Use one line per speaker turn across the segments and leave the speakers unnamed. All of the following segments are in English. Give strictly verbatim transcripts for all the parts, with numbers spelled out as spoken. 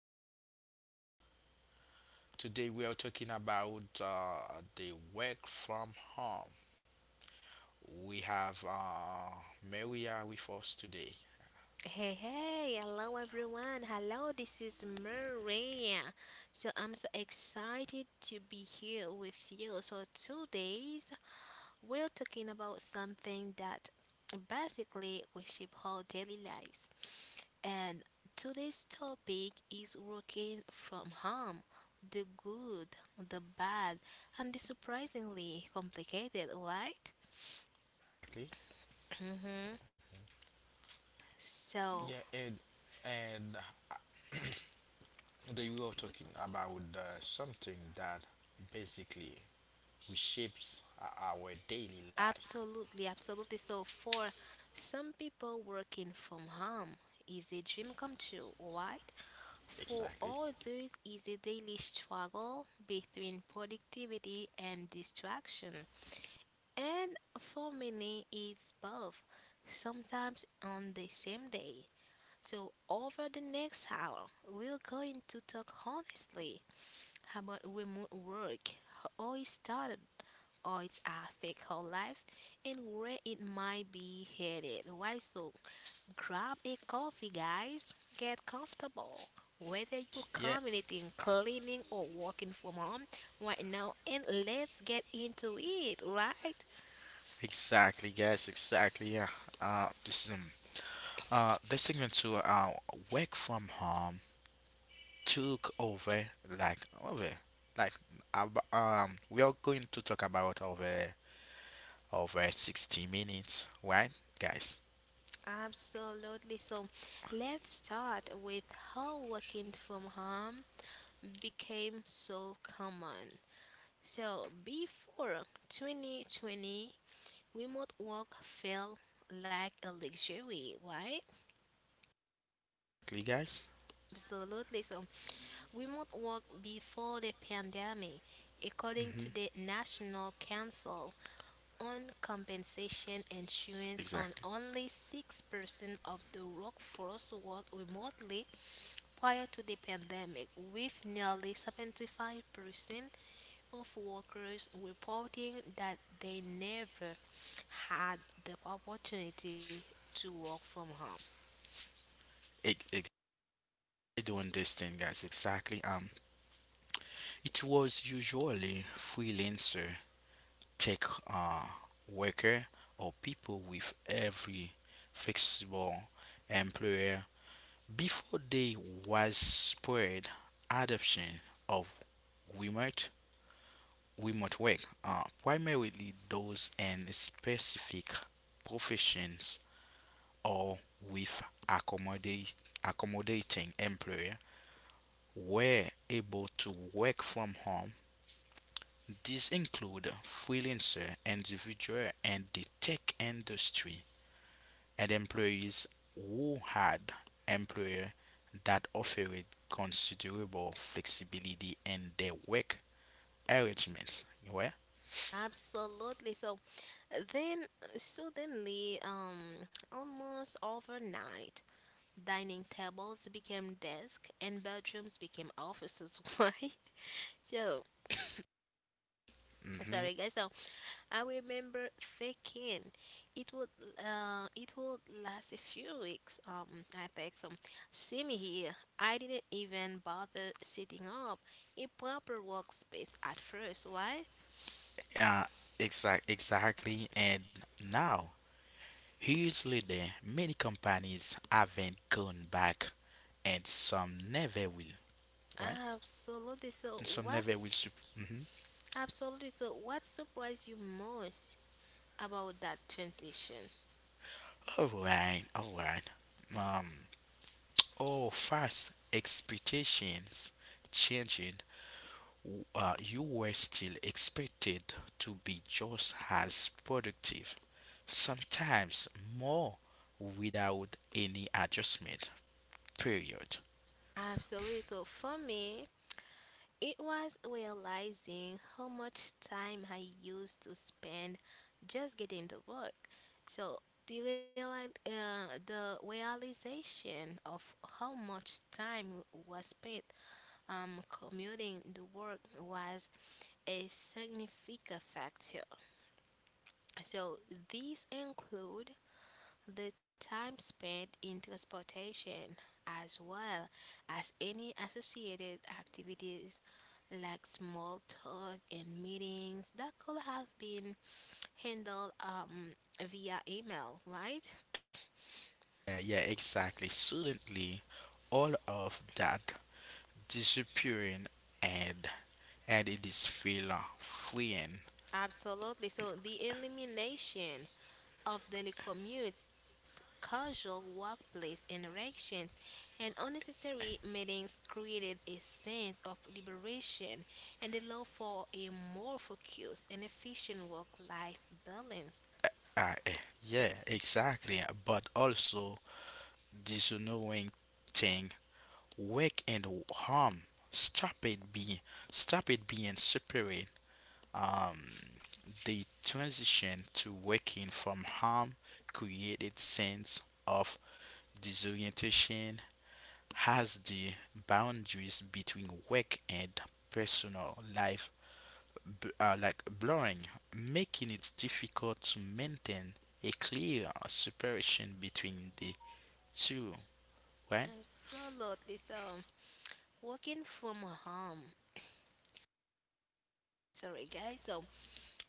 uh, Warbert. Today, we are talking about uh, the work from home. We have uh, Maria with us today.
Hey, hey, hello everyone. Hello, this is Maria. So I'm so excited to be here with you. So today's we're talking about something that basically we shape our daily lives. And today's topic is working from home. The good, the bad, and the surprisingly complicated, right?
Okay.
Mm-hmm. So,
Yeah, and and uh, Today we are talking about uh, something that basically reshapes o- our daily lives.
Absolutely, absolutely. So for some people, working from home is a dream come true, right? For
Exactly.
others, is a daily struggle between productivity and distraction. And for many, it's both, sometimes on the same day. So over the next hour, we're going to talk honestly about remote work, how it started, or its affect our lives and where it might be headed. Why so? Grab a coffee, guys. Get comfortable. Whether you're
Yeah.
commuting, cleaning, or working from home right now, and let's get into it, right?
Exactly, guys. Exactly. Yeah. Uh, this is um, Uh, the segment to uh, work from home took over like over like ab um we are going to talk about over over sixty minutes, right, guys?
Absolutely. So let's start with how working from home became so common. So, before twenty twenty, remote work feel like a luxury, right?
Clear, guys?
Absolutely. So, remote work before the pandemic, according
Mm-hmm.
to the National Council on compensation insurance on
Exactly.
only six percent of the workforce worked remotely prior to the pandemic, with nearly seventy-five percent of workers reporting that they never had the opportunity to work from home.
Ex- ex- Doing this thing, guys. Exactly. Um, it was usually freelancer, tech uh, worker, or people with every flexible employer. Before there was spread adoption of remote remote work, uh, primarily those in specific professions or with accommodate, accommodating employer were able to work from home. These include freelancer, individual, and the tech industry, and employees who had employers that offered considerable flexibility in their work arrangements. Well,
Absolutely. So then, suddenly, um, almost overnight, dining tables became desks and bedrooms became offices, right? So,
hmm
sorry guys. So, I remember thinking it would uh it would last a few weeks. Um, I think so. See me here. I didn't even bother setting up a proper workspace at first. Why?
yeah, exact, exactly. And now, years later, many companies haven't gone back, and some never will. Right?
Absolutely. So,
Some never will.
what's
Sup- mhm.
absolutely so what surprised you most about that transition?
All right, all right. Um, oh, fast expectations changing, uh, you were still expected to be just as productive, sometimes more, without any adjustment. Period.
Absolutely. So for me, it was realizing how much time I used to spend just getting to work. So the reali- uh, the realization of how much time was spent um, commuting to work was a significant factor. So these include the time spent in transportation as well as any associated activities like small talk and meetings that could have been handled um, via email, right?
Uh, yeah, exactly. Suddenly, all of that disappearing and and it is feel uh, freeing.
Absolutely. So the elimination of daily commutes, casual workplace interactions, and unnecessary meetings created a sense of liberation and a love for a more focused and efficient work life balance.
Uh, eh, yeah, exactly. But also this annoying thing work and harm. Stop it being Stop it being separate. Um, the transition to working from harm created sense of disorientation as the boundaries between work and personal life b- are like blurring, making it difficult to maintain a clear separation between the two. Right?
Absolutely. So, working from home, sorry guys, so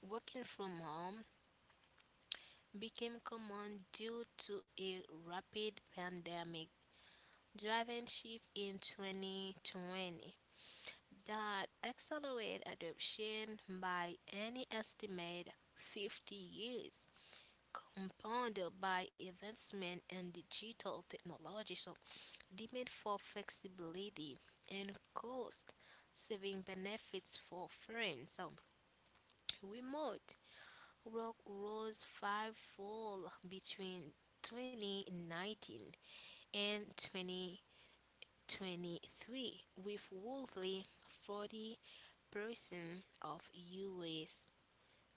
working from home became common due to a rapid pandemic driving shift in twenty twenty that accelerate adoption by any estimate fifty years, compounded by advancement in digital technology. So, demand for flexibility and cost saving benefits for firms. So, remote work rose fivefold between twenty nineteen and twenty. twenty-three, with roughly forty percent of U S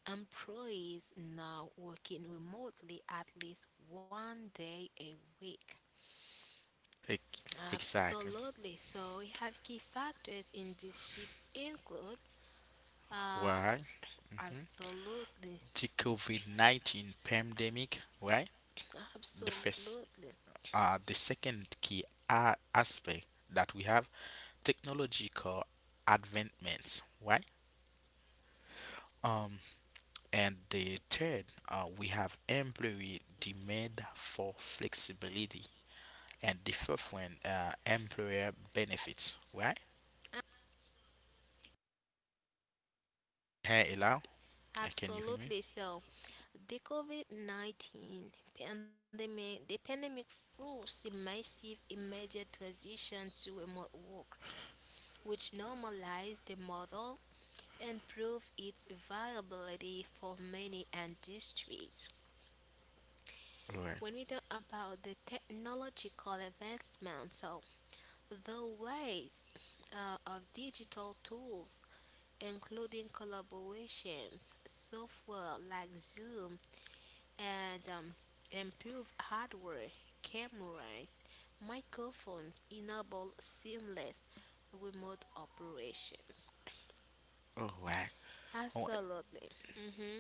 employees now working remotely at least one day a week.
Ex- Exactly.
Absolutely. So we have key factors in this shift include uh
Why? Hmm.
absolutely,
The COVID nineteen pandemic, right? The first,
absolutely.
uh, the second key a- aspect that we have, technological advancements, right? Um, and the third, uh, we have employee demand for flexibility, and the fourth one, uh, employer benefits, right? Hey, Elau, uh, can you hear me?
Absolutely. So, the COVID nineteen pandemic, the pandemic forced a massive immediate transition to remote work, which normalized the model and proved its viability for many industries.
All right,
When we talk about the technological advancements, so the ways uh, of digital tools, including collaborations, software like Zoom, and um, improved hardware, cameras, microphones enable seamless remote operations.
all right, all right.
Absolutely. Hmm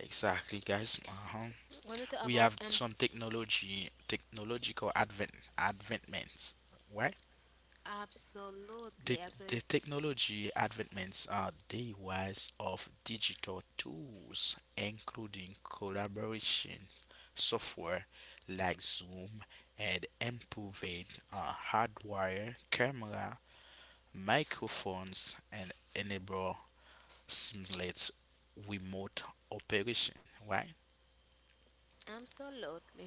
Exactly, guys. Uh huh.
When we talk
We
about
have
um,
some technology technological advent advancements, right?
Absolutely,
the,
absolutely,
the technology advancements are the rise of digital tools, including collaboration software like Zoom and improved uh, hardware, camera, microphones, and enable seamless remote operation, right?
absolutely,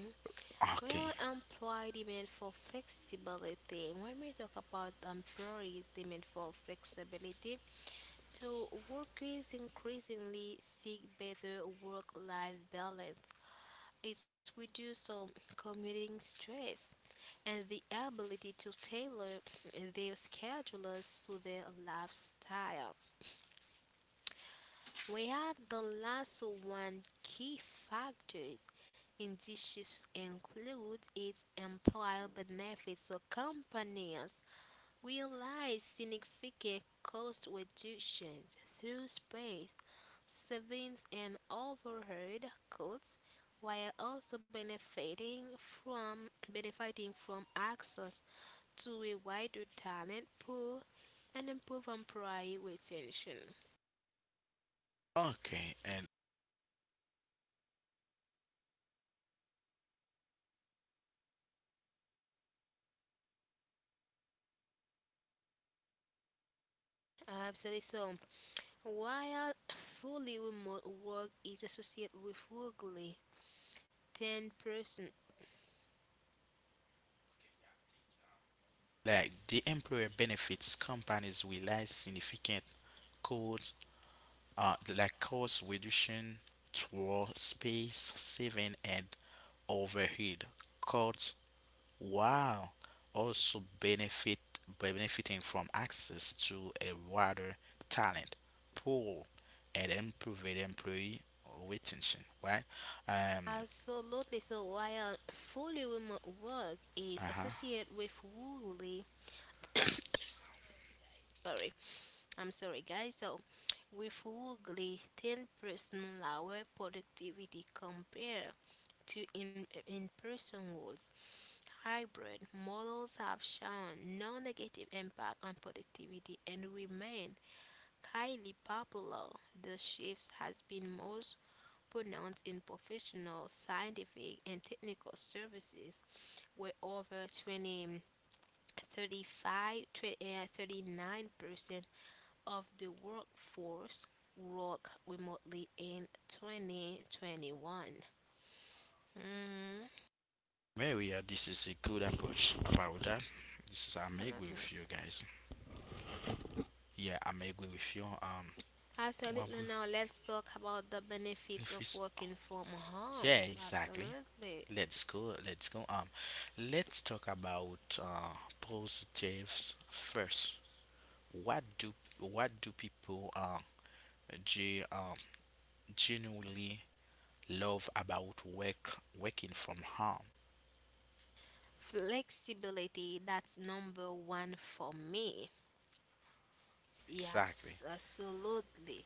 we have
Okay.
employee demand for flexibility. When we talk about employees' demand for flexibility, so workers increasingly seek better work-life balance. It reduces um, commuting stress and the ability to tailor their schedules to their lifestyle. We have the last one key factors in these shifts include its employer benefits. So companies realize significant cost reductions through space savings and overhead costs while also benefiting from benefiting from access to a wider talent pool and improve employee retention.
Okay. And
Absolutely. So, while fully remote work is associated with roughly ten percent.
like the employer benefits, companies realize significant codes, uh, like cost reduction toward space saving and overhead cuts, while also benefit benefiting from access to a wider talent pool and improved employee retention, right? um
Absolutely. So while fully remote work is
uh-huh.
associated with woolly, sorry, I'm sorry, guys. So with woolly, ten percent lower productivity compared to in in-person roles. Hybrid models have shown no negative impact on productivity and remain highly popular. The shift has been most pronounced in professional, scientific, and technical services, where over twenty, thirty-five, thirty-nine percent of the workforce work remotely in twenty twenty-one. Mhm.
Maria, this is a good approach about that. This is, I'm agree
Absolutely.
with you, guys. Yeah, I'm agree with you. Um, what
Absolutely.
we,
Now let's talk about the benefits
if
of
we, s-
working from home.
Yeah, exactly.
Absolutely.
Let's go. Let's go. Um, let's talk about uh, positives first. What do what do people um ge, um genuinely love about work working from home?
Flexibility, that's number one for me. Yeah,
Exactly.
abs- absolutely.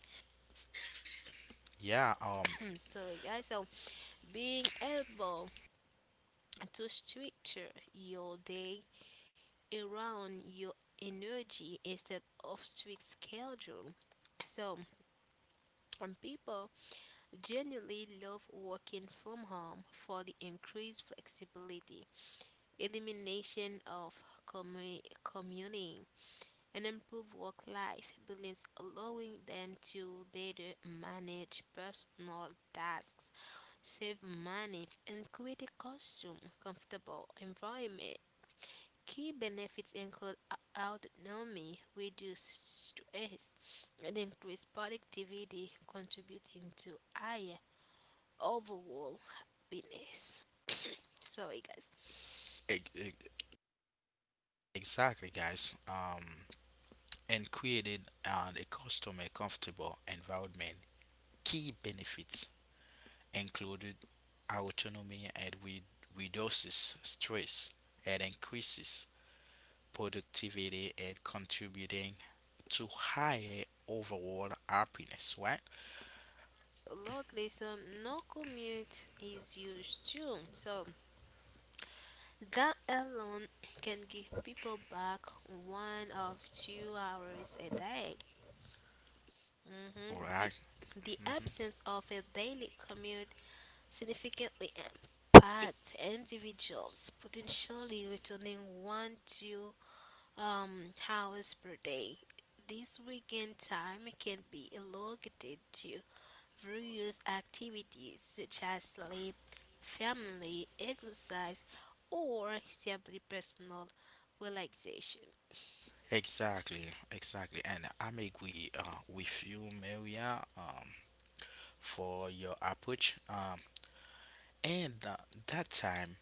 Yeah. Um.
Sorry, guys. So being able to structure your day around your energy instead of strict schedule. So, um, people genuinely love working from home for the increased flexibility, elimination of commu- commuting, and improve work life balance, allowing them to better manage personal tasks, save money, and create a custom, comfortable environment. Key benefits include au- autonomy, reduced stress, and increased productivity, contributing to higher overall happiness. Sorry, guys.
e- e- exactly, guys. Um. And created uh, a customer comfortable environment. Key benefits included autonomy and re- reduces stress and increases productivity, and contributing to higher overall happiness, right?
Look, listen, no commute is used too. So that alone can give people back one of two hours a day. Mhm.
All
The,
right.
the
Mm-hmm.
absence of a daily commute significantly impacts individuals, potentially returning one to um, hours per day. This weekend time can be allocated to various activities such as sleep, family, exercise, or simply personal relaxation.
Exactly. Exactly. And I'm agree uh, with you, Maria, um, for your approach. Um, and uh, That time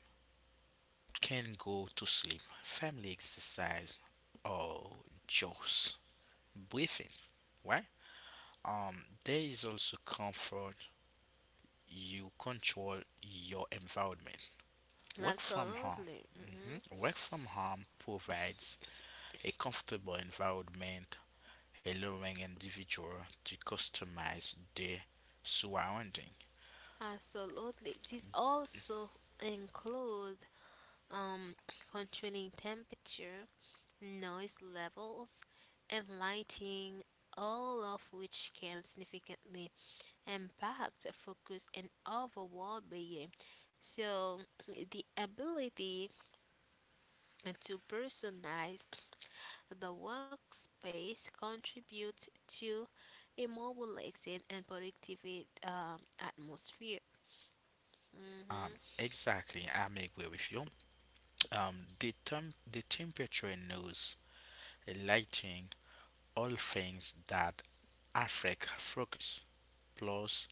can go to sleep, family exercise, or just breathing, right? Um, there is also comfort. You control your environment. Work from home.
Absolutely. Mhm.
Mhm. Work from home provides a comfortable environment, allowing individual to customize their surrounding.
Absolutely. This also include um, controlling temperature, noise levels, and lighting, all of which can significantly impact focus and overall being. So the ability and to personalize the workspace contributes to a more relaxing and productive um, atmosphere. Hmm.
Um, exactly, I'm agree with you. Um, the term, the temperature, nose, lighting, all things that affect focus. Plus,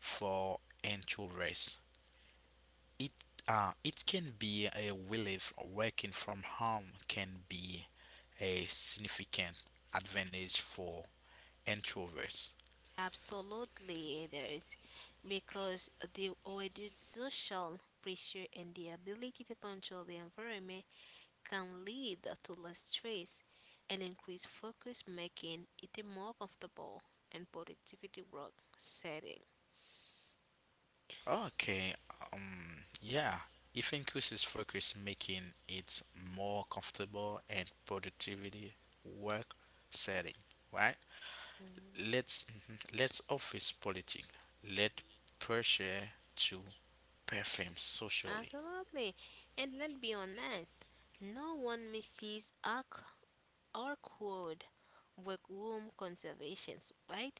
for introverts, It uh, it can be a relief. Working from home can be a significant advantage for introverts.
Absolutely, there is, because the reduced social pressure and the ability to control the environment can lead to less stress and increased focus, making it a more comfortable and productivity work setting.
Okay, um, yeah. It increases focus, making it more comfortable and productivity work setting, right?
Mm-hmm.
Let's mhm, let's office politics. Let pressure to perform socially.
Absolutely. And let's be honest, no one misses our, our quote workroom room conservations, right?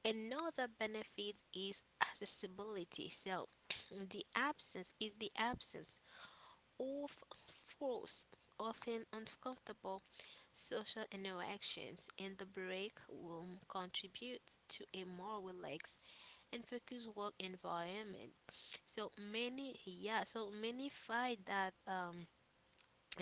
Another benefit is accessibility. So the absence is the absence of force, often uncomfortable social interactions in the break room contributes to a more relaxed and focus work environment. So many, yeah, so many find that um,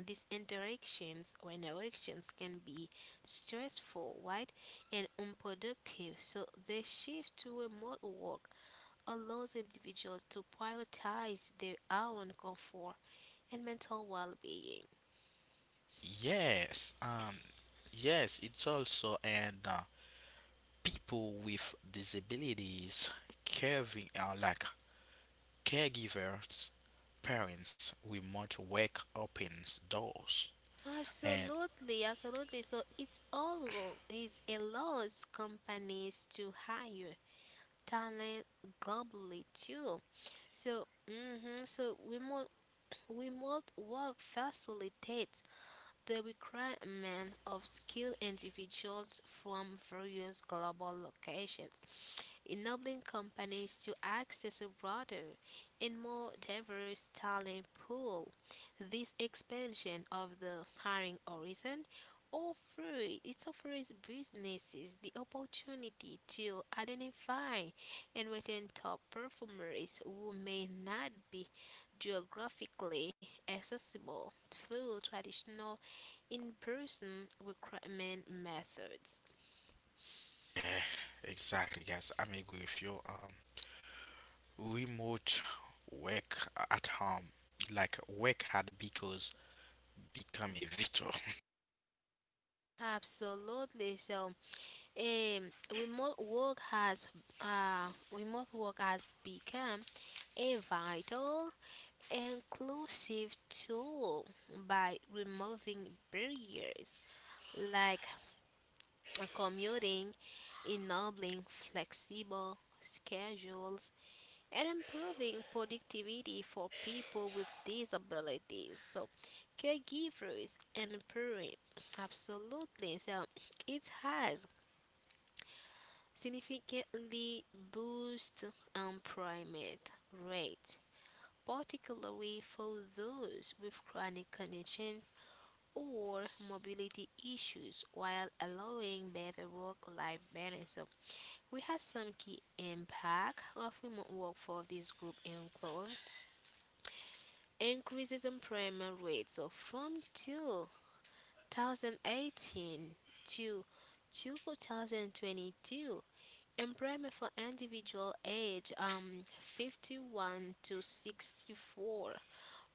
these interactions or interactions can be stressful, right, and unproductive. So the shift to remote work allows individuals to prioritize their own comfort and mental well-being.
Yes, um, yes, it's also, and uh, people with disabilities, caring, uh, like caregivers, parents, remote work opens doors. And
Absolutely, absolutely. So it's all it allows companies to hire talent globally too. So, hmm so remote, remote work facilitates the recruitment of skilled individuals from various global locations, enabling companies to access a broader and more diverse talent pool. This expansion of the hiring horizon offers it offers businesses the opportunity to identify and retain top performers who may not be geographically accessible through traditional in-person recruitment methods.
uh, exactly, guys, I'm agree with you. Um, remote work at home, like work hard because become a virtual.
Absolutely. So Um, remote work has uh, remote work has become a vital, inclusive tool by removing barriers like commuting, enabling flexible schedules, and improving productivity for people with disabilities. So, caregivers and parents, absolutely. So, it has significantly boost employment rate, particularly for those with chronic conditions or mobility issues, while allowing better work-life balance. So we have some key impact of remote work for this group include increases employment rates. So from two thousand eighteen to two thousand twenty-two, employment for individual age um fifty-one to sixty-four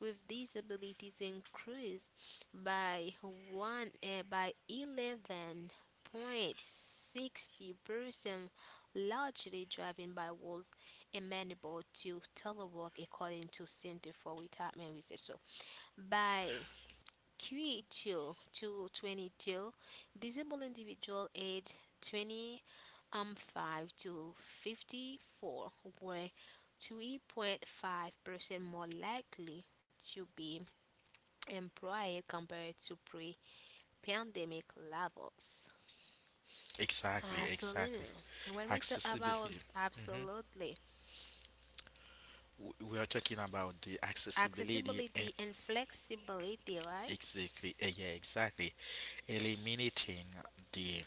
with disabilities increased by one uh, by eleven point six zero percent, largely driven by those amenable to telework, according to Center for Retirement Research. So by Q two to twenty-two, disabled individual age twenty um, five to fifty-four were three point five percent more likely to be employed compared to pre-pandemic levels.
Exactly,
Absolutely.
exactly.
And when we talk about
Accessibility. hmm
absolutely,
w- we are talking about the accessibility and
accessibility and flexibility, right?
exactly, eh, yeah, exactly. Eliminating the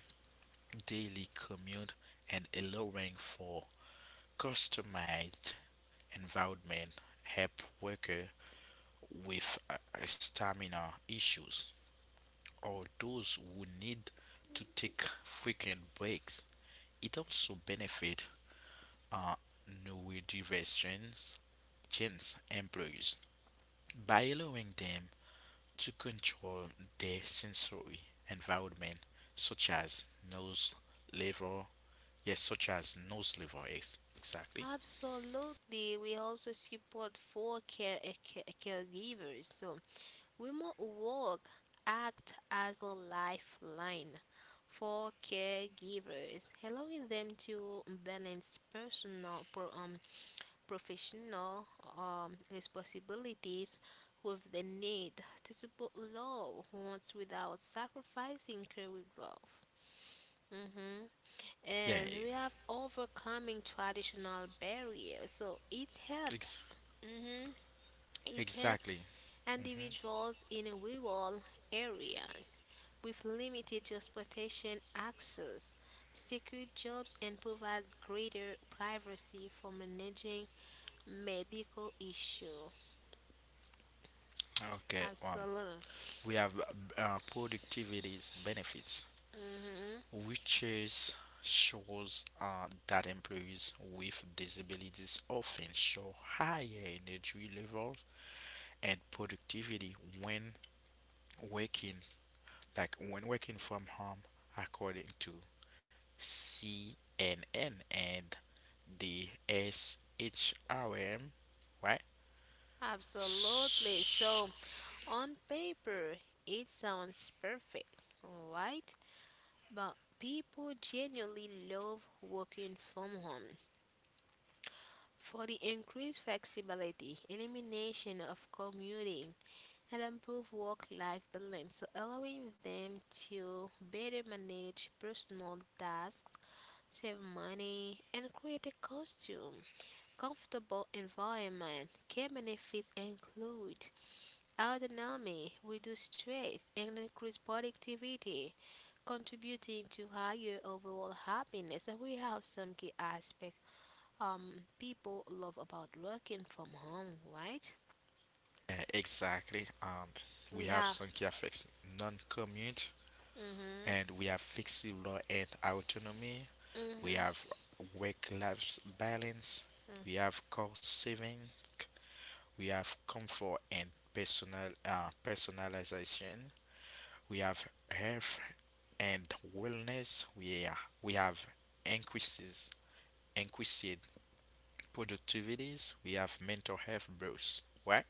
daily commute and allowing for customized environment help worker with uh, uh, stamina issues or those who need to take frequent breaks. It also benefit uh, neurodivergent employees by allowing them to control their sensory environment, such as nose, liver, yes, such as nose, liver, ex- exactly.
Absolutely. We also support for care, care caregivers. So remote work act as a lifeline for caregivers, allowing them to balance personal, pro, um, professional um, responsibilities with the need to support loved ones without sacrificing career growth. Hmm.
Yeah,
And
e-
we have overcoming traditional barriers, so it's help.
ex-
hmm It's help
exactly.
individuals in rural areas with limited transportation access, secure jobs, and provides greater privacy for managing medical issue.
Okay, um,
Absolutely.
we have uh, productivity's benefits,
Hmm.
which is shows uh, that employees with disabilities often show higher energy levels and productivity when working, like when working from home, according to C N N and the S H R M, right?
Absolutely.
S-
So, on paper, it sounds perfect, right? But people genuinely love working from home for the increased flexibility, elimination of commuting, and improved work life balance, allowing them to better manage personal tasks, save money, and create a costume, comfortable environment. Key benefits include autonomy, reduce stress, and increase productivity, contributing to higher overall happiness. And we have some key aspects um people love about working from home, right?
yeah, exactly. Um, we
We
have
have
Sunky affects non-commute,
mhm
and we have fixed law and autonomy. We
mhm.
have work-life balance. We have cost saving. We have comfort and personal uh, personalization. We have health and wellness. We are, we have increases increased productivities. We have mental health bros, right?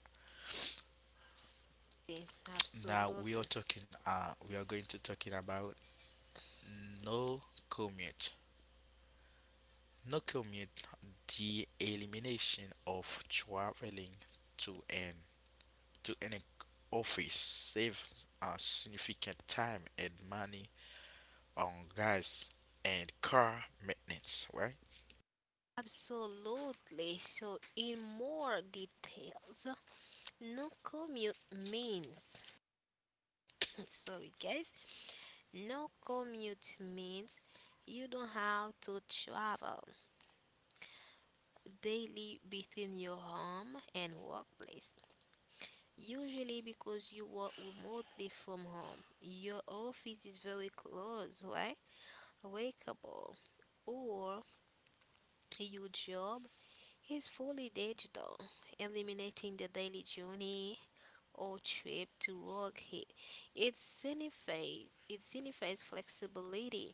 Yeah,
Now we
absolutely
are talking. Uh, we are going to talking about no commute. No commute. The elimination of traveling to an to an office saves a significant time and money on gas and car maintenance, right?
absolutely. So in more details, no commute means sorry guys, no commute means you don't have to travel daily between your home and workplace. Usually because you work remotely from home, your office is very close, right? Workable. Or your job is fully digital, eliminating the daily journey or trip to work. It it signifies it signifies flexibility,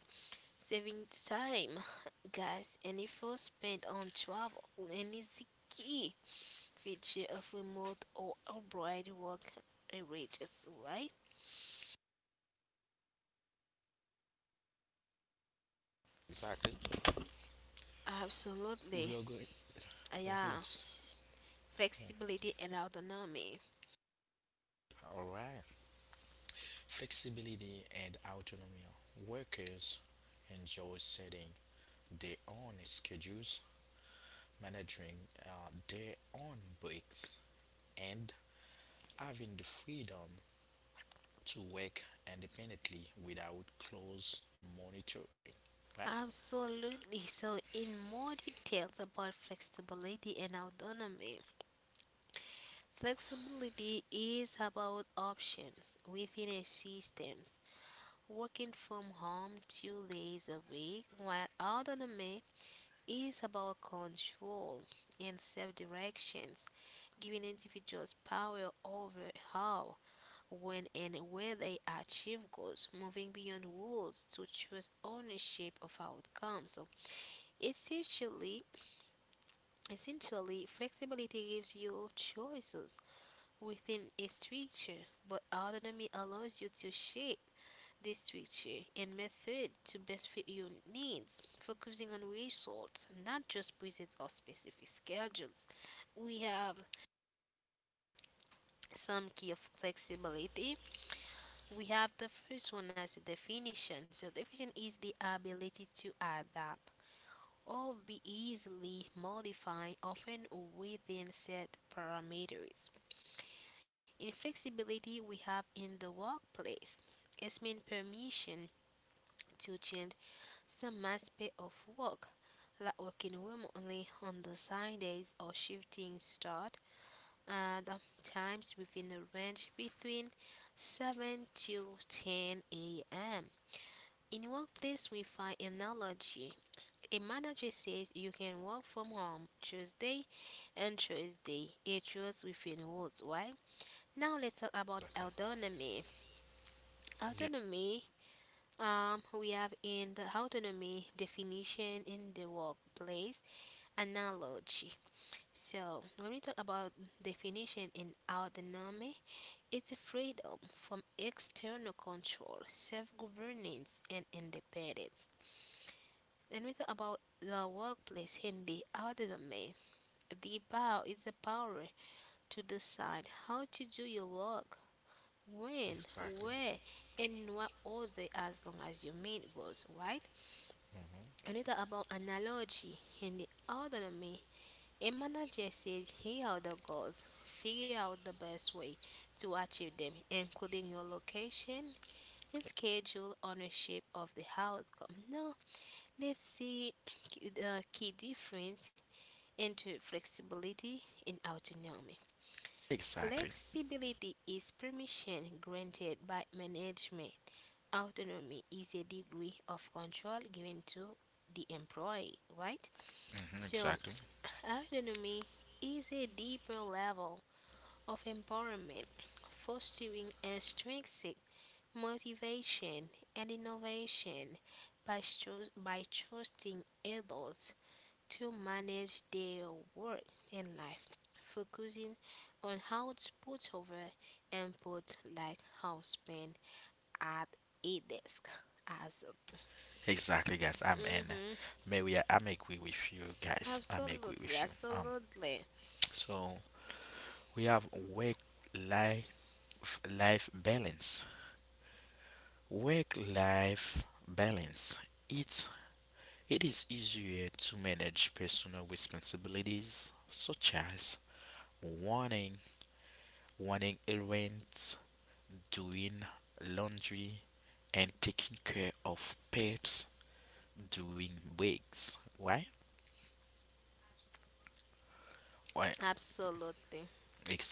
saving time, guys, and effort spent on travel, and it's key video of remote or abroad work enriches, right?
Exactly. We
Absolutely.
are going. We are going
Yeah.
to.
Flexibility and autonomy.
All right. Flexibility and autonomy. Workers enjoy setting their own schedules, managing uh, their own breaks, and having the freedom to work independently without close monitoring. Right?
Absolutely. So in more details about flexibility and autonomy, flexibility is about options within a system, working from home two days a week, while autonomy is about control and self directions, giving individuals power over how, when, and where they achieve goals, moving beyond rules to choose ownership of outcomes. So, Essentially, essentially, flexibility gives you choices within a structure, but autonomy allows you to shape this structure and method to best fit your needs, focusing on results, not just present or specific schedules. We have some key of flexibility. We have the first one as a definition. So definition is the ability to adapt or be easily modified, often within set parameters. In flexibility, we have in the workplace. It means permission to change some aspect of work, like working remotely on the Sundays or shifting start and um, times within a range between seven to ten a m. In workplace, we find analogy. A manager says you can work from home Tuesday and Thursday. It was within rules, right? Now let's talk about
Exactly.
autonomy.
Yeah,
Autonomy Um, we have in the autonomy definition in the workplace analogy. So, when we talk about definition in autonomy, it's a freedom from external control, self governance, and independence. Then we talk about the workplace in the autonomy. The power is the power to decide how to do your work, when,
exactly.
where, and in what order as long as you meet goals, right?
Hmm.
Another about analogy and the autonomy. A manager says, here are the goals. Figure out the best way to achieve them, including your location and schedule ownership of the outcome. Now, let's see the key difference into flexibility and autonomy.
Exactly.
Flexibility is permission granted by management. Autonomy is a degree of control given to the employee, right?
Hmm.
So,
Exactly.
autonomy is a deeper level of empowerment, fostering intrinsic motivation and innovation by, stru- by trusting adults to manage their work and life, focusing on output over input, like how spent at a desk as
Exactly, guys. I'm in.
hmm.
Maybe I, I'm agree with you, guys. I'm agree
Absolutely,
with you. Um.
absolutely,
So we have work life life balance. Work life balance. It's it is easier to manage personal responsibilities, such as running running errands, doing laundry, and taking care of pets during breaks. Right? Right,
absolutely.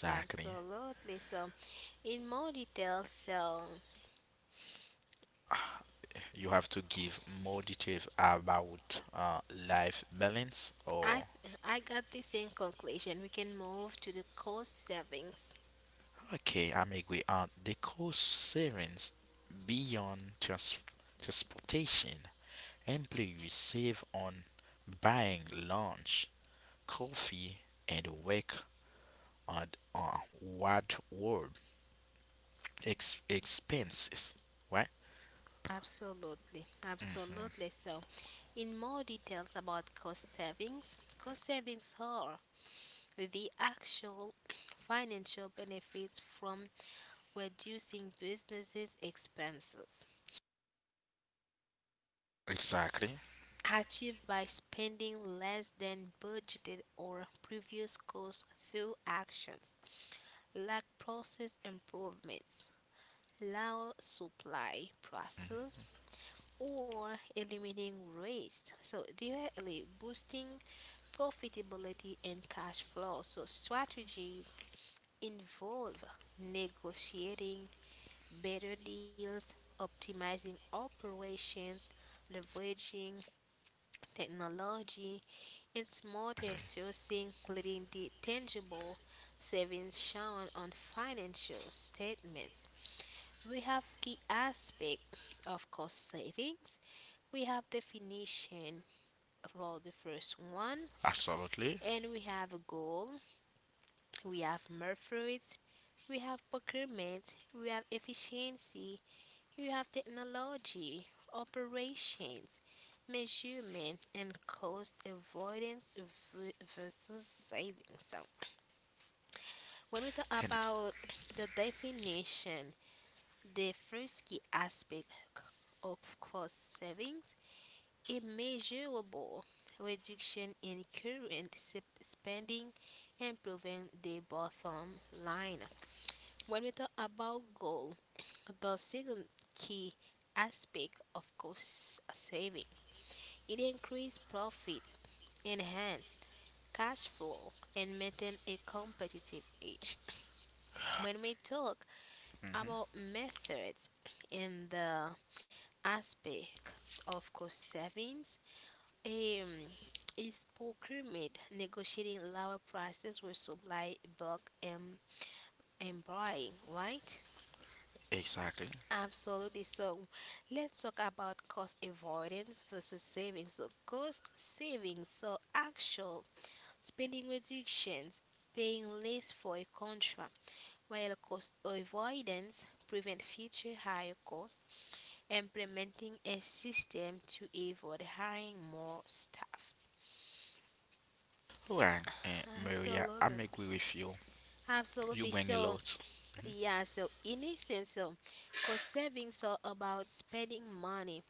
Yeah, absolutely. So, in more detail, so
You have to give more detail about uh, life balance or
I I got this in conclusion. We can move to the cost savings.
okay, I'm agree. Uh, the cost savings beyond trans- transportation. Employees save on buying lunch, coffee, and work at uh, what world ex- expenses. Right?
Absolutely, absolutely. So, in more details about cost savings, cost savings are the actual financial benefits from reducing businesses' expenses
Exactly.
achieved by spending less than budgeted or previous costs through actions like process improvements, lower supply process, or eliminating waste. So directly boosting profitability and cash flow. So strategies involve negotiating better deals, optimizing operations, leveraging technology, and smarter sourcing, leading to tangible savings shown on financial statements. We have key aspect of cost savings. We have definition for the first one,
Absolutely.
and we have a goal. We have methods. We have procurement. We have efficiency. We have technology, operations, measurement, and cost avoidance v- versus savings. So when we talk
And
about the definition, the first key aspect of cost savings a measurable reduction in current sp- spending improving the bottom line. When we talk about goal, the second key aspect of cost savings, it increases profits, enhance cash flow, and maintain a competitive edge. When we talk
mhm,
about methods in the aspect of cost savings, Um, is procurement negotiating lower prices with supply bulk and, and buying, right?
exactly.
Absolutely. So let's talk about cost avoidance versus savings. So cost savings, so actual spending reductions, paying less for a contract, while cost avoidance prevent future higher costs, implementing a system to avoid hiring more staff.
All right, uh, Maria, I'm
Absolutely.
agree with you. You
Absolutely.
bring a
So,
lot.
yeah, so in essence, so cost savings are about spending money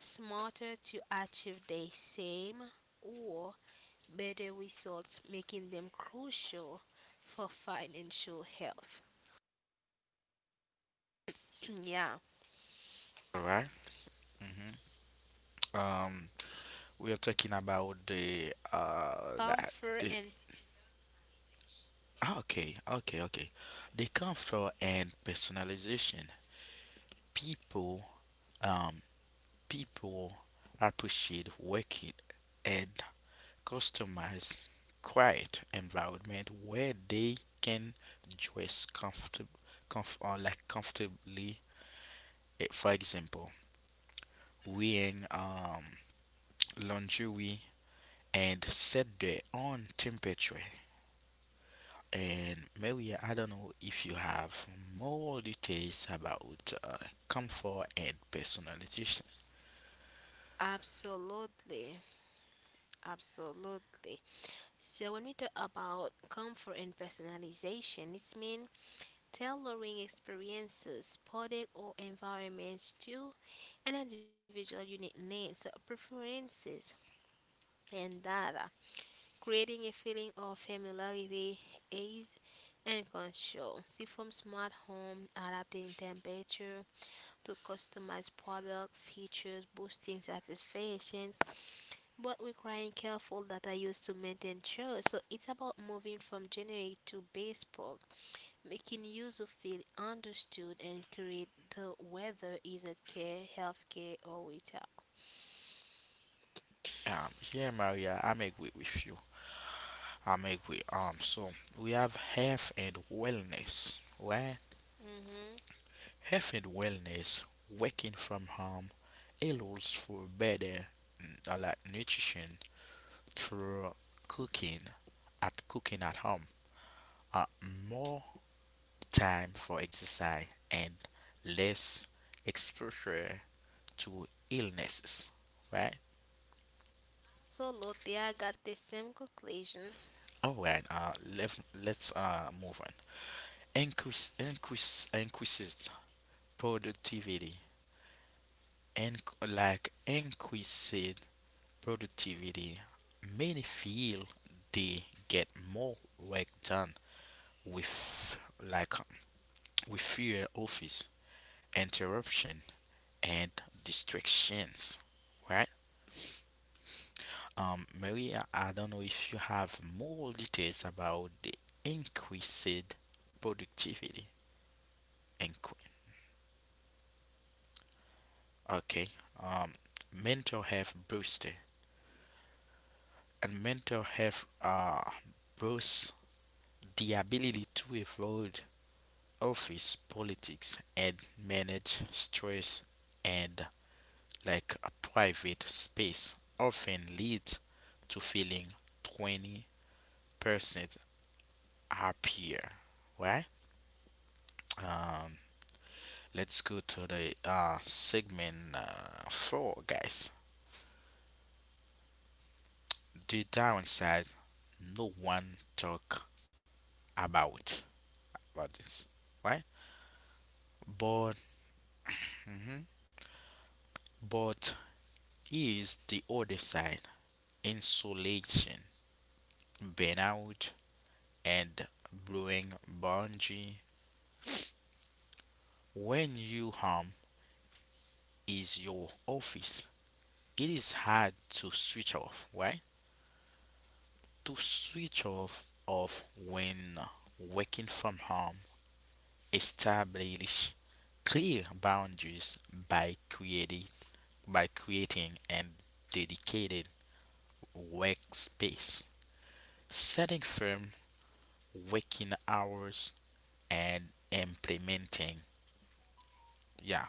smarter to achieve the same or better results, making them crucial for financial health. Yeah.
All right. Mm-hmm. Um. We are talking about the uh that
Comfort
the
and
okay, okay, okay, the comfort and personalization. People um People appreciate working and customized quiet environment where they can dress comfortable, comf- uh, like comfortably. Eh, for example, wearing um lingerie and set their own temperature. And Maria, I don't know if you have more details about uh, comfort and personalization.
absolutely. Absolutely. So when we talk about comfort and personalization, it means tailoring experiences, product or environments to an individual unique needs, preferences, and data, creating a feeling of familiarity, ease, and control. See from smart home, adapting temperature to customized product features, boosting satisfaction, but requiring careful data use to maintain trust. So it's about moving from generic to bespoke making user feel understood and create the whether is it care, healthcare, or retail.
Um, yeah, Maria, I'm agree with you. I'm agree. Um, so we have health and wellness, right?
Hmm.
Health and wellness, working from home, allows for better mm, uh, like nutrition through cooking at cooking at home. Uh, More time for exercise and less exposure to illnesses, right?
So, Lotte, I got the same conclusion.
All right, uh let, let's uh move on. Increase increase increases productivity and like Increased productivity, many feel they get more work done with, like, with fewer office interruption and distractions, right? Um, Maria, I don't know if you have more details about the increased productivity. Incre- okay. Um, mental health booster and Mental health uh, boosts the ability to avoid office politics and manage stress, and like a private space often leads to feeling twenty percent happier, right? um Let's go to the uh, segment uh, four, guys. The downside no one talk about about this, right? But but is the other side, insulation, burnout, and blowing bungee. When you home is your office, it is hard to switch off, right? To switch off of when working from home. Establish clear boundaries by creating by creating and dedicated workspace. Setting firm working hours and implementing yeah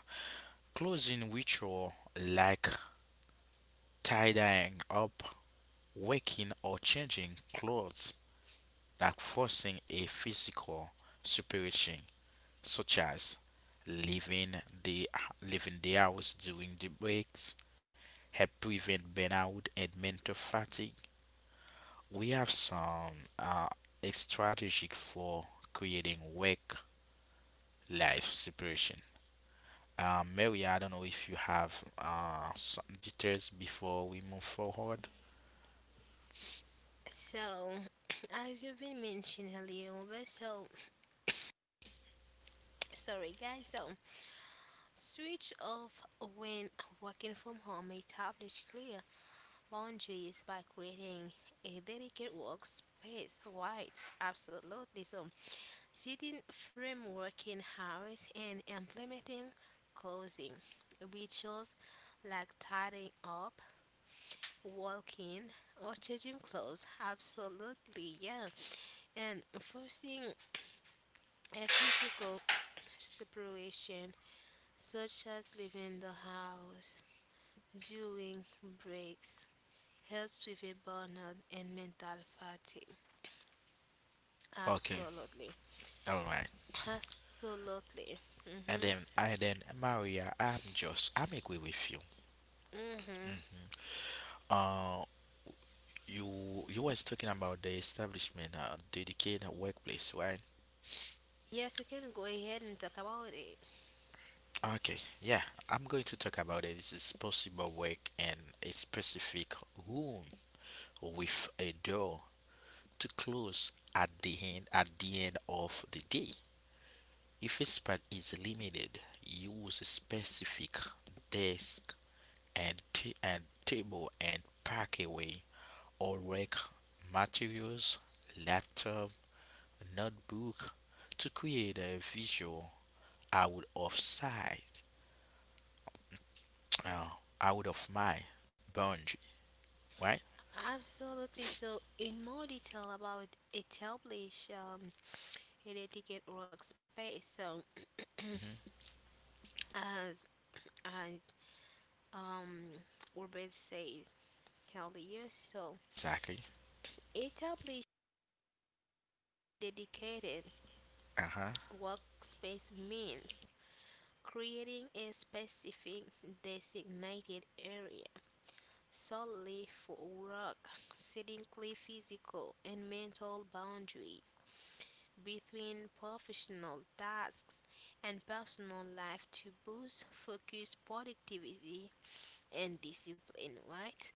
closing ritual like tie dyeing up, waking, or changing clothes, like forcing a physical separation, such as leaving the leaving the house during the breaks, help prevent burnout and mental fatigue. We have some uh, strategies for creating work life separation. Uh, Mary, I don't know if you have uh, some details before we move forward.
So, as you've been mentioning earlier, but so sorry, guys. So, switch off when working from home establish clear boundaries by creating a dedicated workspace. Right, absolutely. So, setting framework in house and implementing closing rituals like tidying up, walking, or changing clothes. Absolutely, yeah. And forcing a physical separation, such as leaving the house during breaks, helps with a burnout and mental fatigue.
Okay,
Absolutely.
all right.
Absolutely. Mm-hmm.
And then, and then, Maria, I'm just, I'm agree with you.
Mm-hmm.
hmm Uh, you, you was talking about the establishment, uh, dedicated workplace, right?
Yes, you can go ahead and talk about it.
Okay, yeah, I'm going to talk about it. This is possible work in a specific room with a door to close at the end at the end of the day. If a space is limited, use a specific desk and ta- and table and pack away all work materials, laptop, notebook, to create a visual out of sight, uh, out of mind boundary, right?
Absolutely. So, in more detail about establish um, an etiquette workspace. So,
hmm
as as um, Urban says earlier, so
Exactly.
establish dedicated
Uh huh.
workspace means creating a specific designated area solely for work, setting clear physical and mental boundaries between professional tasks and personal life to boost focus, productivity, and discipline, right?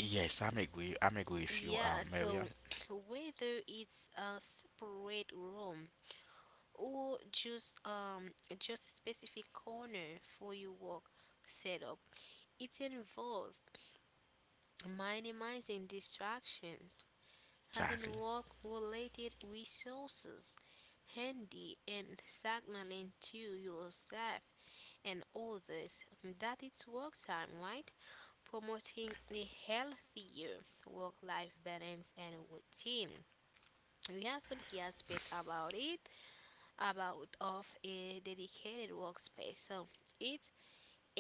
Yes, I'm agree. I'm agree with you, um,
Yeah,
Maria.
so whether it's a separate room or just um just a specific corner for your work setup, it involves minimizing distractions, having
Exactly.
work related resources handy and signaling to yourself and others that it's work time, right? Promoting a healthier work life balance and routine. We have some key aspect about it about of a dedicated workspace. So it's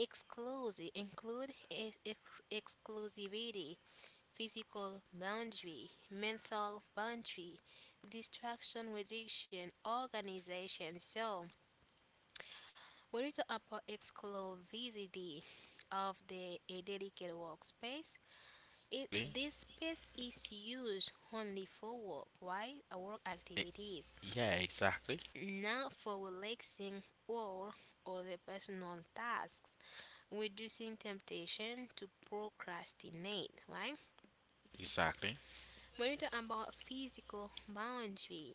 exclusive include e-, ex- exclusivity, physical boundary, mental boundary, distraction reduction, organization. So we need to upper exclusivity of the a dedicated workspace. It
E-
this space is used only for work, right? Uh, work activities,
Yeah, exactly.
not for relaxing or other personal tasks, reducing temptation to procrastinate, right?
Exactly.
We need to about physical boundary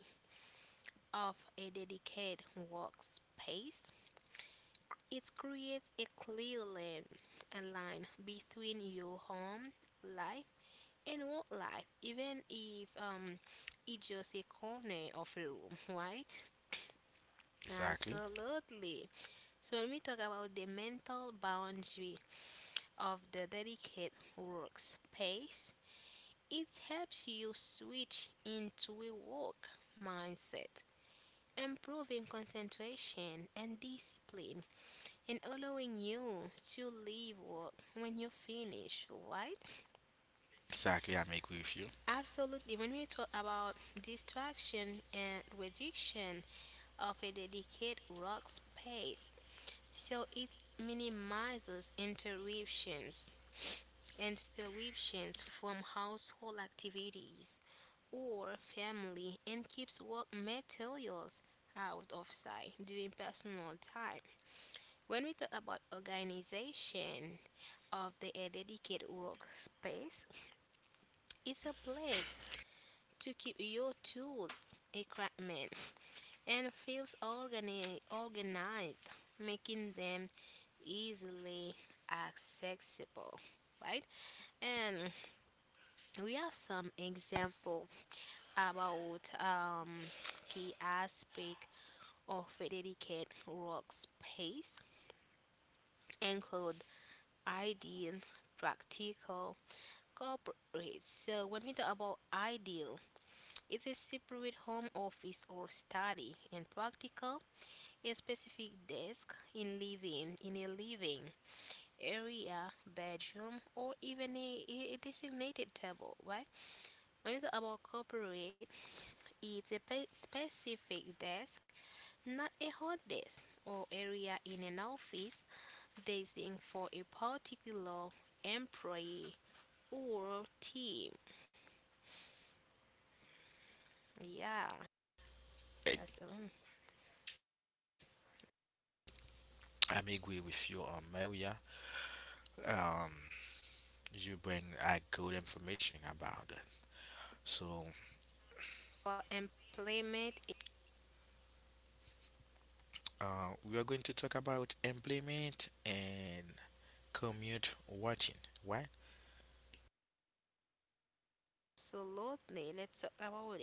of a dedicated workspace. It creates a clear line, a line between your home life and work life, even if um, it's just a corner of a room, right?
Exactly.
Absolutely. So when we talk about the mental boundary of the dedicated workspace, it helps you switch into a work mindset, improving concentration and discipline and allowing you to leave work when you finish, right?
Exactly. I'm agree with you.
Absolutely. When we talk about distraction and reduction of a dedicated work space, so it minimizes interruptions interruptions from household activities or family and keeps work materials out of sight during personal time. When we talk about organization, of the a dedicated workspace. It's a place to keep your tools, equipment, and files organi- organized, making them easily accessible. Right, and we have some example about um, key aspect of a dedicated workspace include ideal, practical, corporate. So when we talk about ideal, it is separate home office or study and practical, a specific desk in living in a living area, bedroom, or even a, a designated table, right? When you talk about corporate, it's a pe- specific desk, not a hot desk or area in an office designed for a particular employee or team. Yeah,
Eh,
that's um,
I'm agree with you, um, Maria. Um, you bring a good information about it. So,
for employment
uh, we are going to talk about employment and commute watching, right?
absolutely, let's talk about it.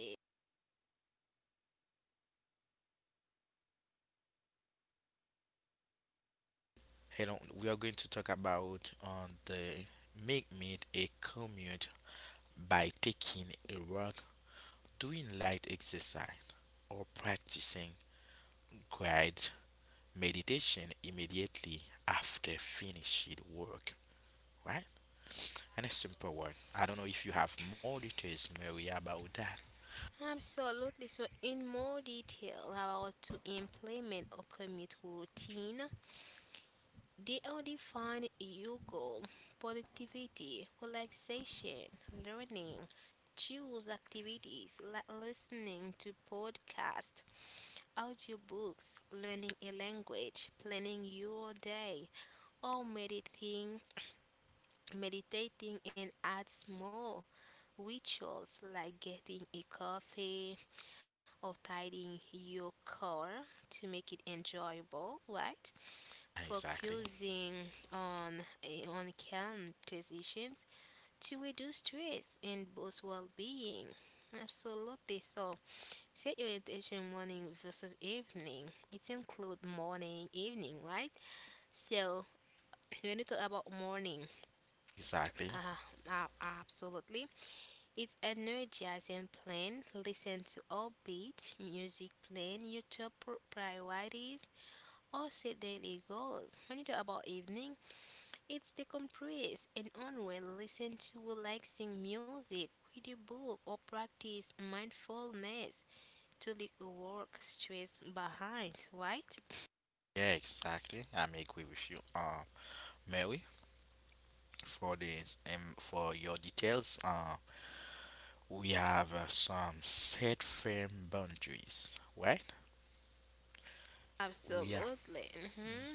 Hello, we are going to talk about on the make meet a commute by taking a walk, doing light exercise, or practicing guided meditation immediately after finishing work, right? And a simple one. I don't know if you have more details, Mary, about that.
Absolutely. So, in more detail about to implement or commit routine, they are define your goal, productivity, relaxation, learning. Choose activities like listening to podcasts, audiobooks, learning a language, planning your day, or meditating, meditating and add small rituals like getting a coffee, or tidying your car to make it enjoyable, right?
Exactly.
Focusing on eh, on calm transitions to reduce stress and boost well-being. Absolutely. So set your intention morning versus evening. It include morning, evening, right? So when you talk about morning,
Exactly.
uh, uh absolutely. It's energizing plan. Listen to upbeat music playing, your top pr- priorities, or set daily goals. When you talk about evening, it's decompress and unwind, listen to relaxing music, read a book, or practice mindfulness to leave work stress behind, right?
Yeah, exactly. I may agree with you, uh, Mary, for this um, for your details. Uh, we have uh, some set firm boundaries, right? We have
Absolutely. Hmm.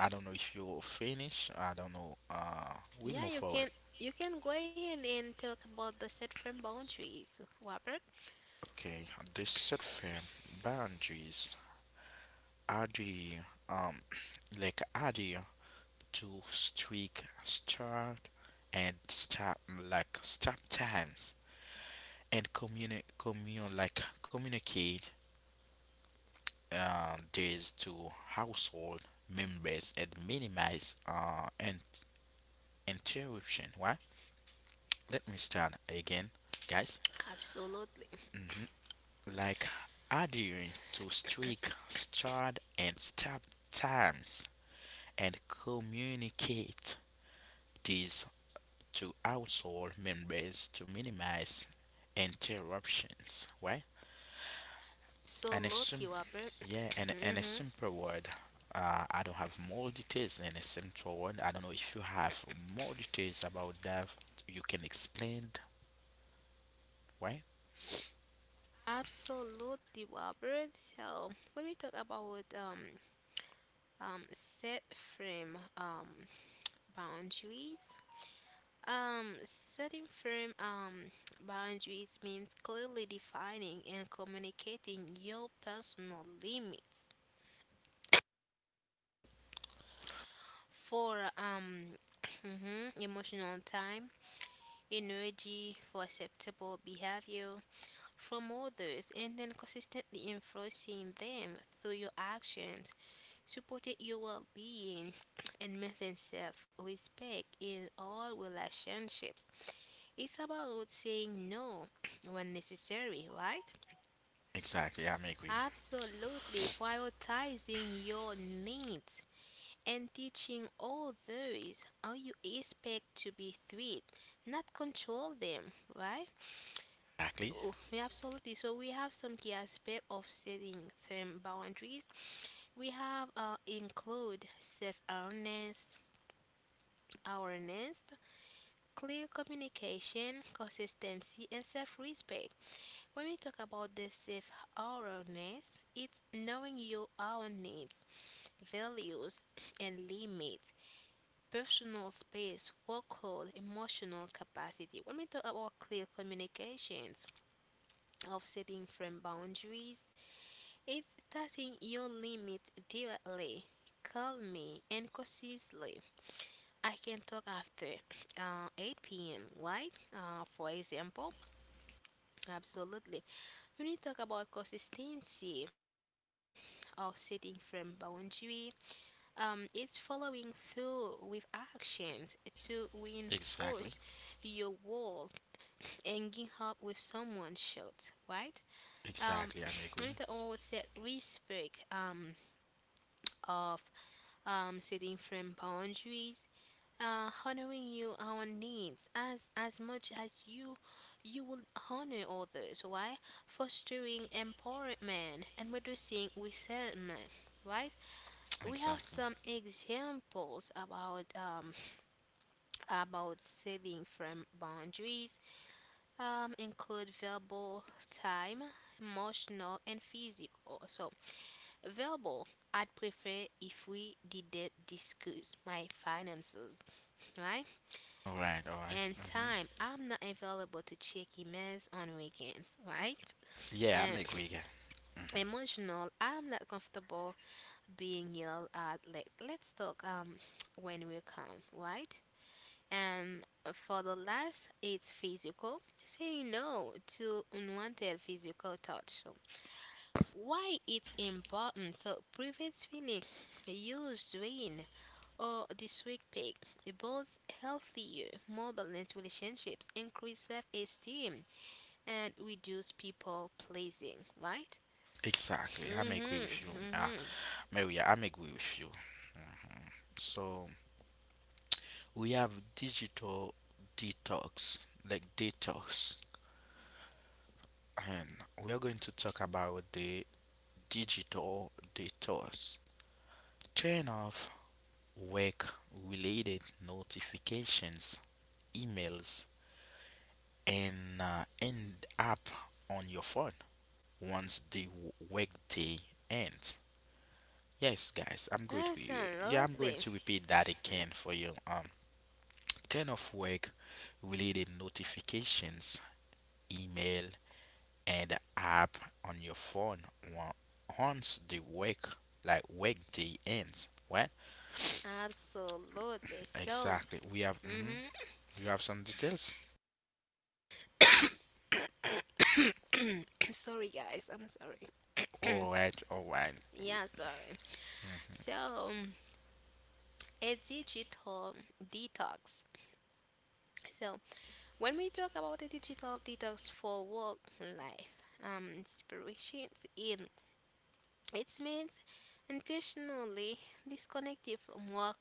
I don't know if you finish. I don't know. Uh, we
Yeah,
move
you can
forward.
you can go ahead and talk about the set firm boundaries, Robert.
Okay, the set firm boundaries are the um like are the two strict start and stop like stop times and communi commun like communicate uh, this to household members and minimize uh and interruption. Why? Let me start again, guys.
Absolutely.
Hmm like adhering to strict, start and stop times, and communicate these to household members to minimize interruptions. Right? And a
Absolutely,
sim-
Robert.
yeah, and and
Hmm.
a simple word. Uh, I don't have more details in a simple word. I don't know if you have more details about that. You can explain, right?
Absolutely, Robert. So when we talk about um, um, set frame um, boundaries, um, setting firm um, boundaries means clearly defining and communicating your personal limits for um, mhm, emotional time, energy for acceptable behavior from others and then consistently enforcing them through your actions, supporting your well being and maintain self respect in all relationships. It's about saying no when necessary, right?
Exactly, I'm agree.
Absolutely prioritizing your needs and teaching others how you expect to be treated, not control them, right?
Exactly,
Oh, yeah, absolutely. So we have some key aspect of setting firm boundaries. We have uh, include self-awareness, awareness, clear communication, consistency, and self-respect. When we talk about the self-awareness, it's knowing your own needs, values, and limits, personal space, workload, emotional capacity. When we talk about clear communications, of setting firm boundaries, it's setting your limit directly, call me and consistently. I can talk after uh, eight p m, right? Uh, for example, absolutely. When you talk about consistency of setting firm boundary, um, it's following through with actions to reinforce
exactly,
your wall and get help with someone short, right? Um,
exactly, I'm agree.
when you talk about set respect um, of um, setting firm boundaries, uh, honoring your own needs as as much as you you will honor others. Why? Fostering empowerment and reducing resentment. Right? We have
Exactly.
some examples about um, about setting firm boundaries. Um, include verbal time, emotional, and physical. So verbal, I'd prefer if we didn't discuss my finances right?
All right, all right.
And
Mm-hmm.
time, I'm not available to check emails on weekends, right?
Yeah, I'm
And
agree again. Hmm
emotional, I'm not comfortable being yelled at. Like, let's talk um when we come, right? And for the last, it's physical. Saying no to unwanted physical touch. So why it's important? So prevents feeling used, drained, or this week pick builds healthier, more balanced relationships, increase self-esteem, and reduce people pleasing, right?
Exactly, I'm agree
Mm-hmm.
with you. Uh,
Mm-hmm.
Maria, I'm agree with you. So we have digital detox, like detox, and we are going to talk about the digital detox. Turn off work-related notifications, emails, and uh, end up on your phone once the w- workday ends. Yes, guys, I'm going to yeah, I'm going
Absolutely.
to repeat that again for you. Um, turn off work related notifications, email, and app on your phone on- once the work like workday ends. What
Absolutely. So,
exactly? We have hmm
mm-hmm.
we have some details.
Sorry, guys. I'm sorry.
All right, all right,
Yeah, sorry. So,
mhm,
um, a digital detox. So, when we talk about a digital detox for work life, um, inspirations in it means intentionally disconnecting from work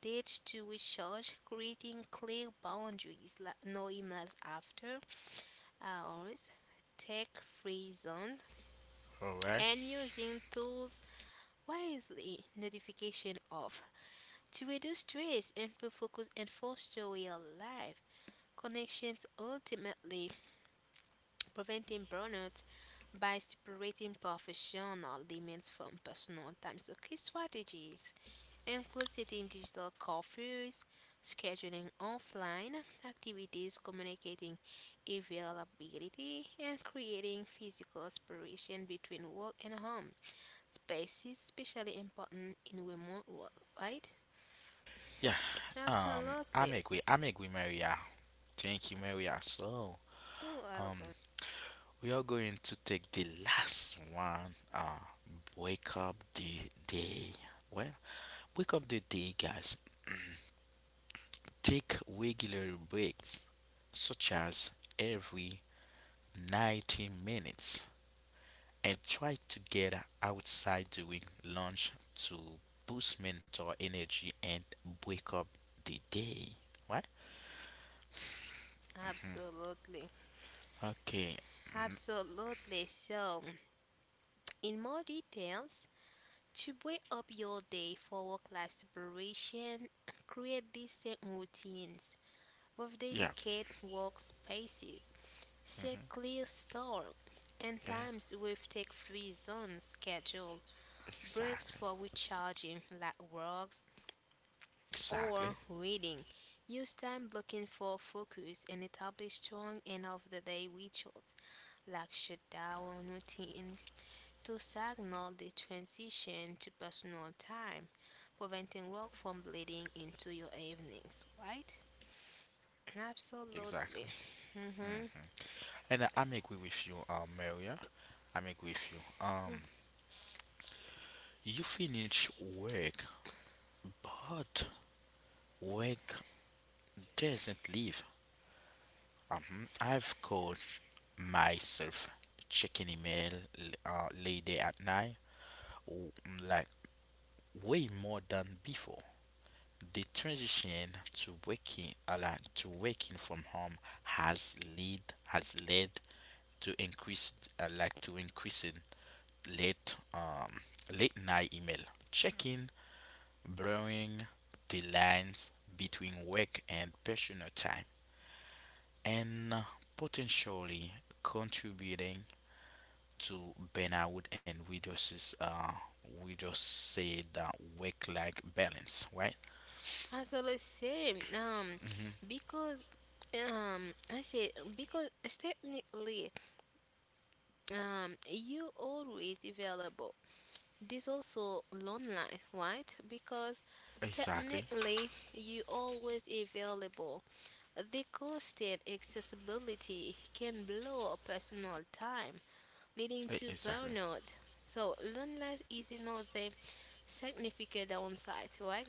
dates to recharge, creating clear boundaries like no emails after hours, tech free zones,
all right.
and using tools wisely, notification off, to reduce stress, improve focus, and foster real life connections, ultimately preventing burnout by separating professional demands from personal time. So, key strategies include setting digital curfews, scheduling offline activities, communicating availability, and creating physical separation between work and home spaces, especially important in remote work, right?
Yeah, um, I'm
Absolutely.
agree. I'm agree, Maria. Thank you, Maria. So,
You are
um,
welcome.
we are going to take the last one. Uh, wake up the day. Well, wake up the day, guys. Take regular breaks, such as every ninety minutes, and try to get outside during lunch to boost mental energy and wake up the day. Right?
Absolutely.
Okay.
Absolutely. So, in more details, to break up your day for work life separation, create decent routines with
Yeah.
dedicated workspaces. Set clear start and
Yeah.
times with take free zones schedule. Breaks
Exactly.
for recharging like walks or
Exactly.
reading. Use time blocking for focus and establish strong end of the day rituals like shutdown routine to signal the transition to personal time, preventing work from bleeding into your evenings, right? Absolutely.
Exactly.
Mm-hmm.
hmm And I- am agree with you, um, Maria. I'm agree with you. Um, you finish work, but work doesn't leave. Um, I've coached myself checking email l- uh, late at night, w- like way more than before. The transition to working, uh, like to working from home, has lead has led to increase uh, like to increasing late um late night email checking, blurring the lines between work and personal time, and uh, potentially contributing to burnout and reduces uh we just say that work like balance, right?
Absolutely same. Um,
Mm-hmm.
because um, I say because technically, um, you always available. This also lonely, right? Because
Exactly.
technically you always available. The constant accessibility can blow up personal time, leading
E-
to
exactly.
burnout. So, loneliness is another significant downside, right?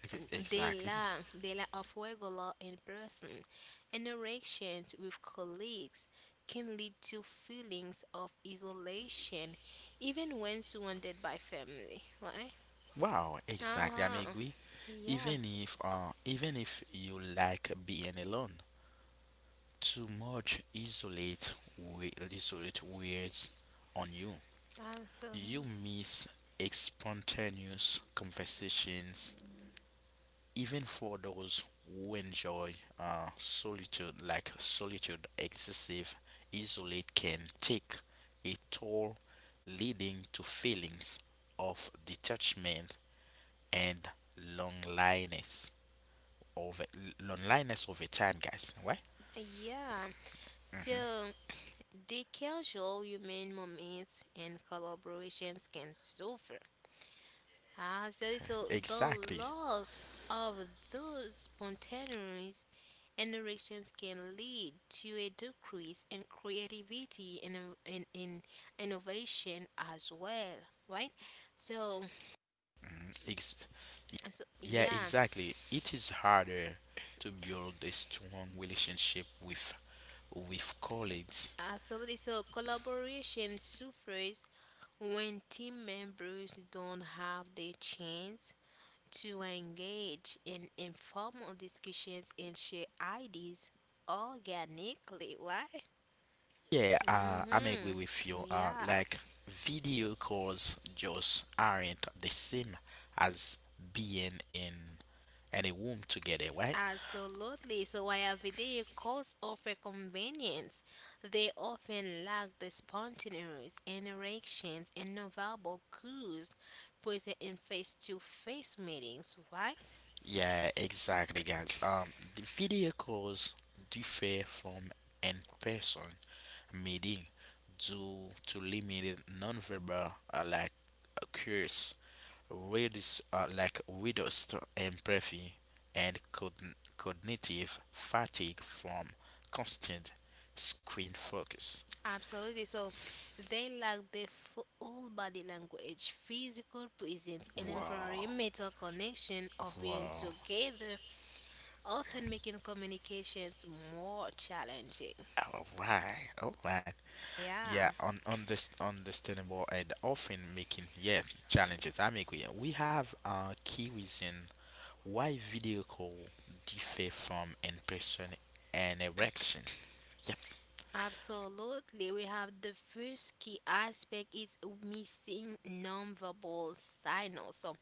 Ex-
The
exactly.
lack, the lack of regular in person interactions with colleagues can lead to feelings of isolation, even when surrounded by family, right?
Wow,
Uh
exactly, I may
huh.
agree.
Yeah,
Even if uh even if you like being alone. Too much isolate we- isolate wears on you.
Uh, So
You miss ex- spontaneous conversations, even for those who enjoy uh, solitude. Like solitude, excessive isolate can take a toll, leading to feelings of detachment and loneliness. Of loneliness over time, guys. Why?
Yeah. So the casual human moments and collaborations can suffer as there is a the
Exactly.
loss of those spontaneous interactions can lead to a decrease in creativity and in, in innovation as well, right? So,
Mm, Ex-
so
yeah,
yeah,
exactly. It is harder to build a strong relationship with with colleagues.
absolutely, so collaboration suffers when team members don't have the chance to engage in informal discussions and share ideas organically. Why?
Yeah, uh, I'm agree with
Mm-hmm.
you. Uh,
Yeah,
like video calls just aren't the same as being in in a room together, right?
absolutely. So while video calls offer convenience, they often lack the spontaneous interactions and nonverbal cues present in face-to-face meetings, right?
Yeah, exactly, guys. Um, the video calls differ from in person meeting due to limited nonverbal uh, like cues, reduce uh, like reduced empathy and cogn- cognitive fatigue from constant screen focus.
Absolutely. So they lack the full body language, physical presence, and
Wow,
environmental connection of being
wow.
together, often making communications more challenging.
All right, all right.
Yeah.
Yeah, on on this understandable and often making, yeah, challenges. I'm agree. We have a key reason why video call differ from in-person and erection? Yep.
Absolutely. We have the first key aspect is missing nonverbal signals. So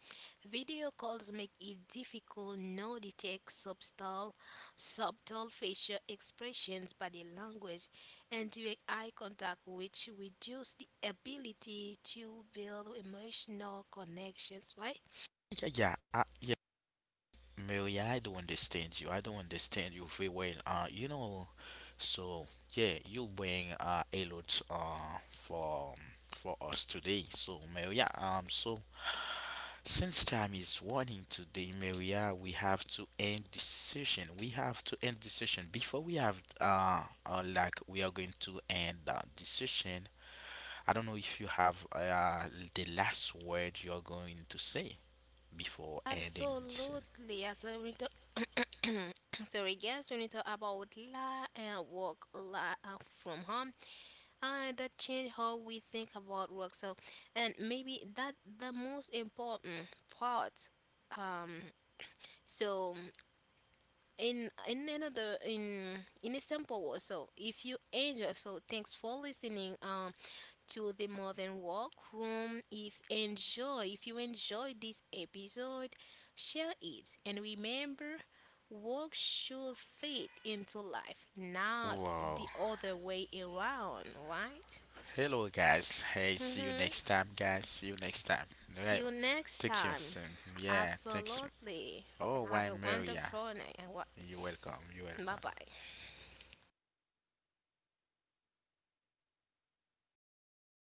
video calls make it difficult to detect subtle subtle facial expressions, body language, and direct eye contact which reduce the ability to build emotional connections, right?
Yeah, yeah, I, yeah. Mary, I don't understand you. I don't understand you very well. Uh, you know, so yeah, you bring uh a lot uh for for us today. So Maria, um, so since time is running today, Maria, we have to end this session. We have to end this session before we have uh, uh like we are going to end uh, this session. I don't know if you have uh, the last word you're going to say before ending this.
Absolutely. As I want to sorry, guys, we need to talk about la and work la uh, from home, uh, that change how we think about work. So, and maybe that the most important part. Um, so in in another in in a simple word. So if you enjoy, so thanks for listening. Um, to the modern workroom. If enjoy, if you enjoy this episode, share it and remember. Work should fit into life, not
Wow.
the other way around, right?
Hello, guys. Hey, see you
Hmm.
next time, guys. See you next time.
See
Right.
you next
Take care
time.
soon. Yeah, thanks.
Absolutely.
Oh,
Have
why,
a
Maria?
wonderful night. And what?
You're welcome. You're
Bye
welcome.
bye.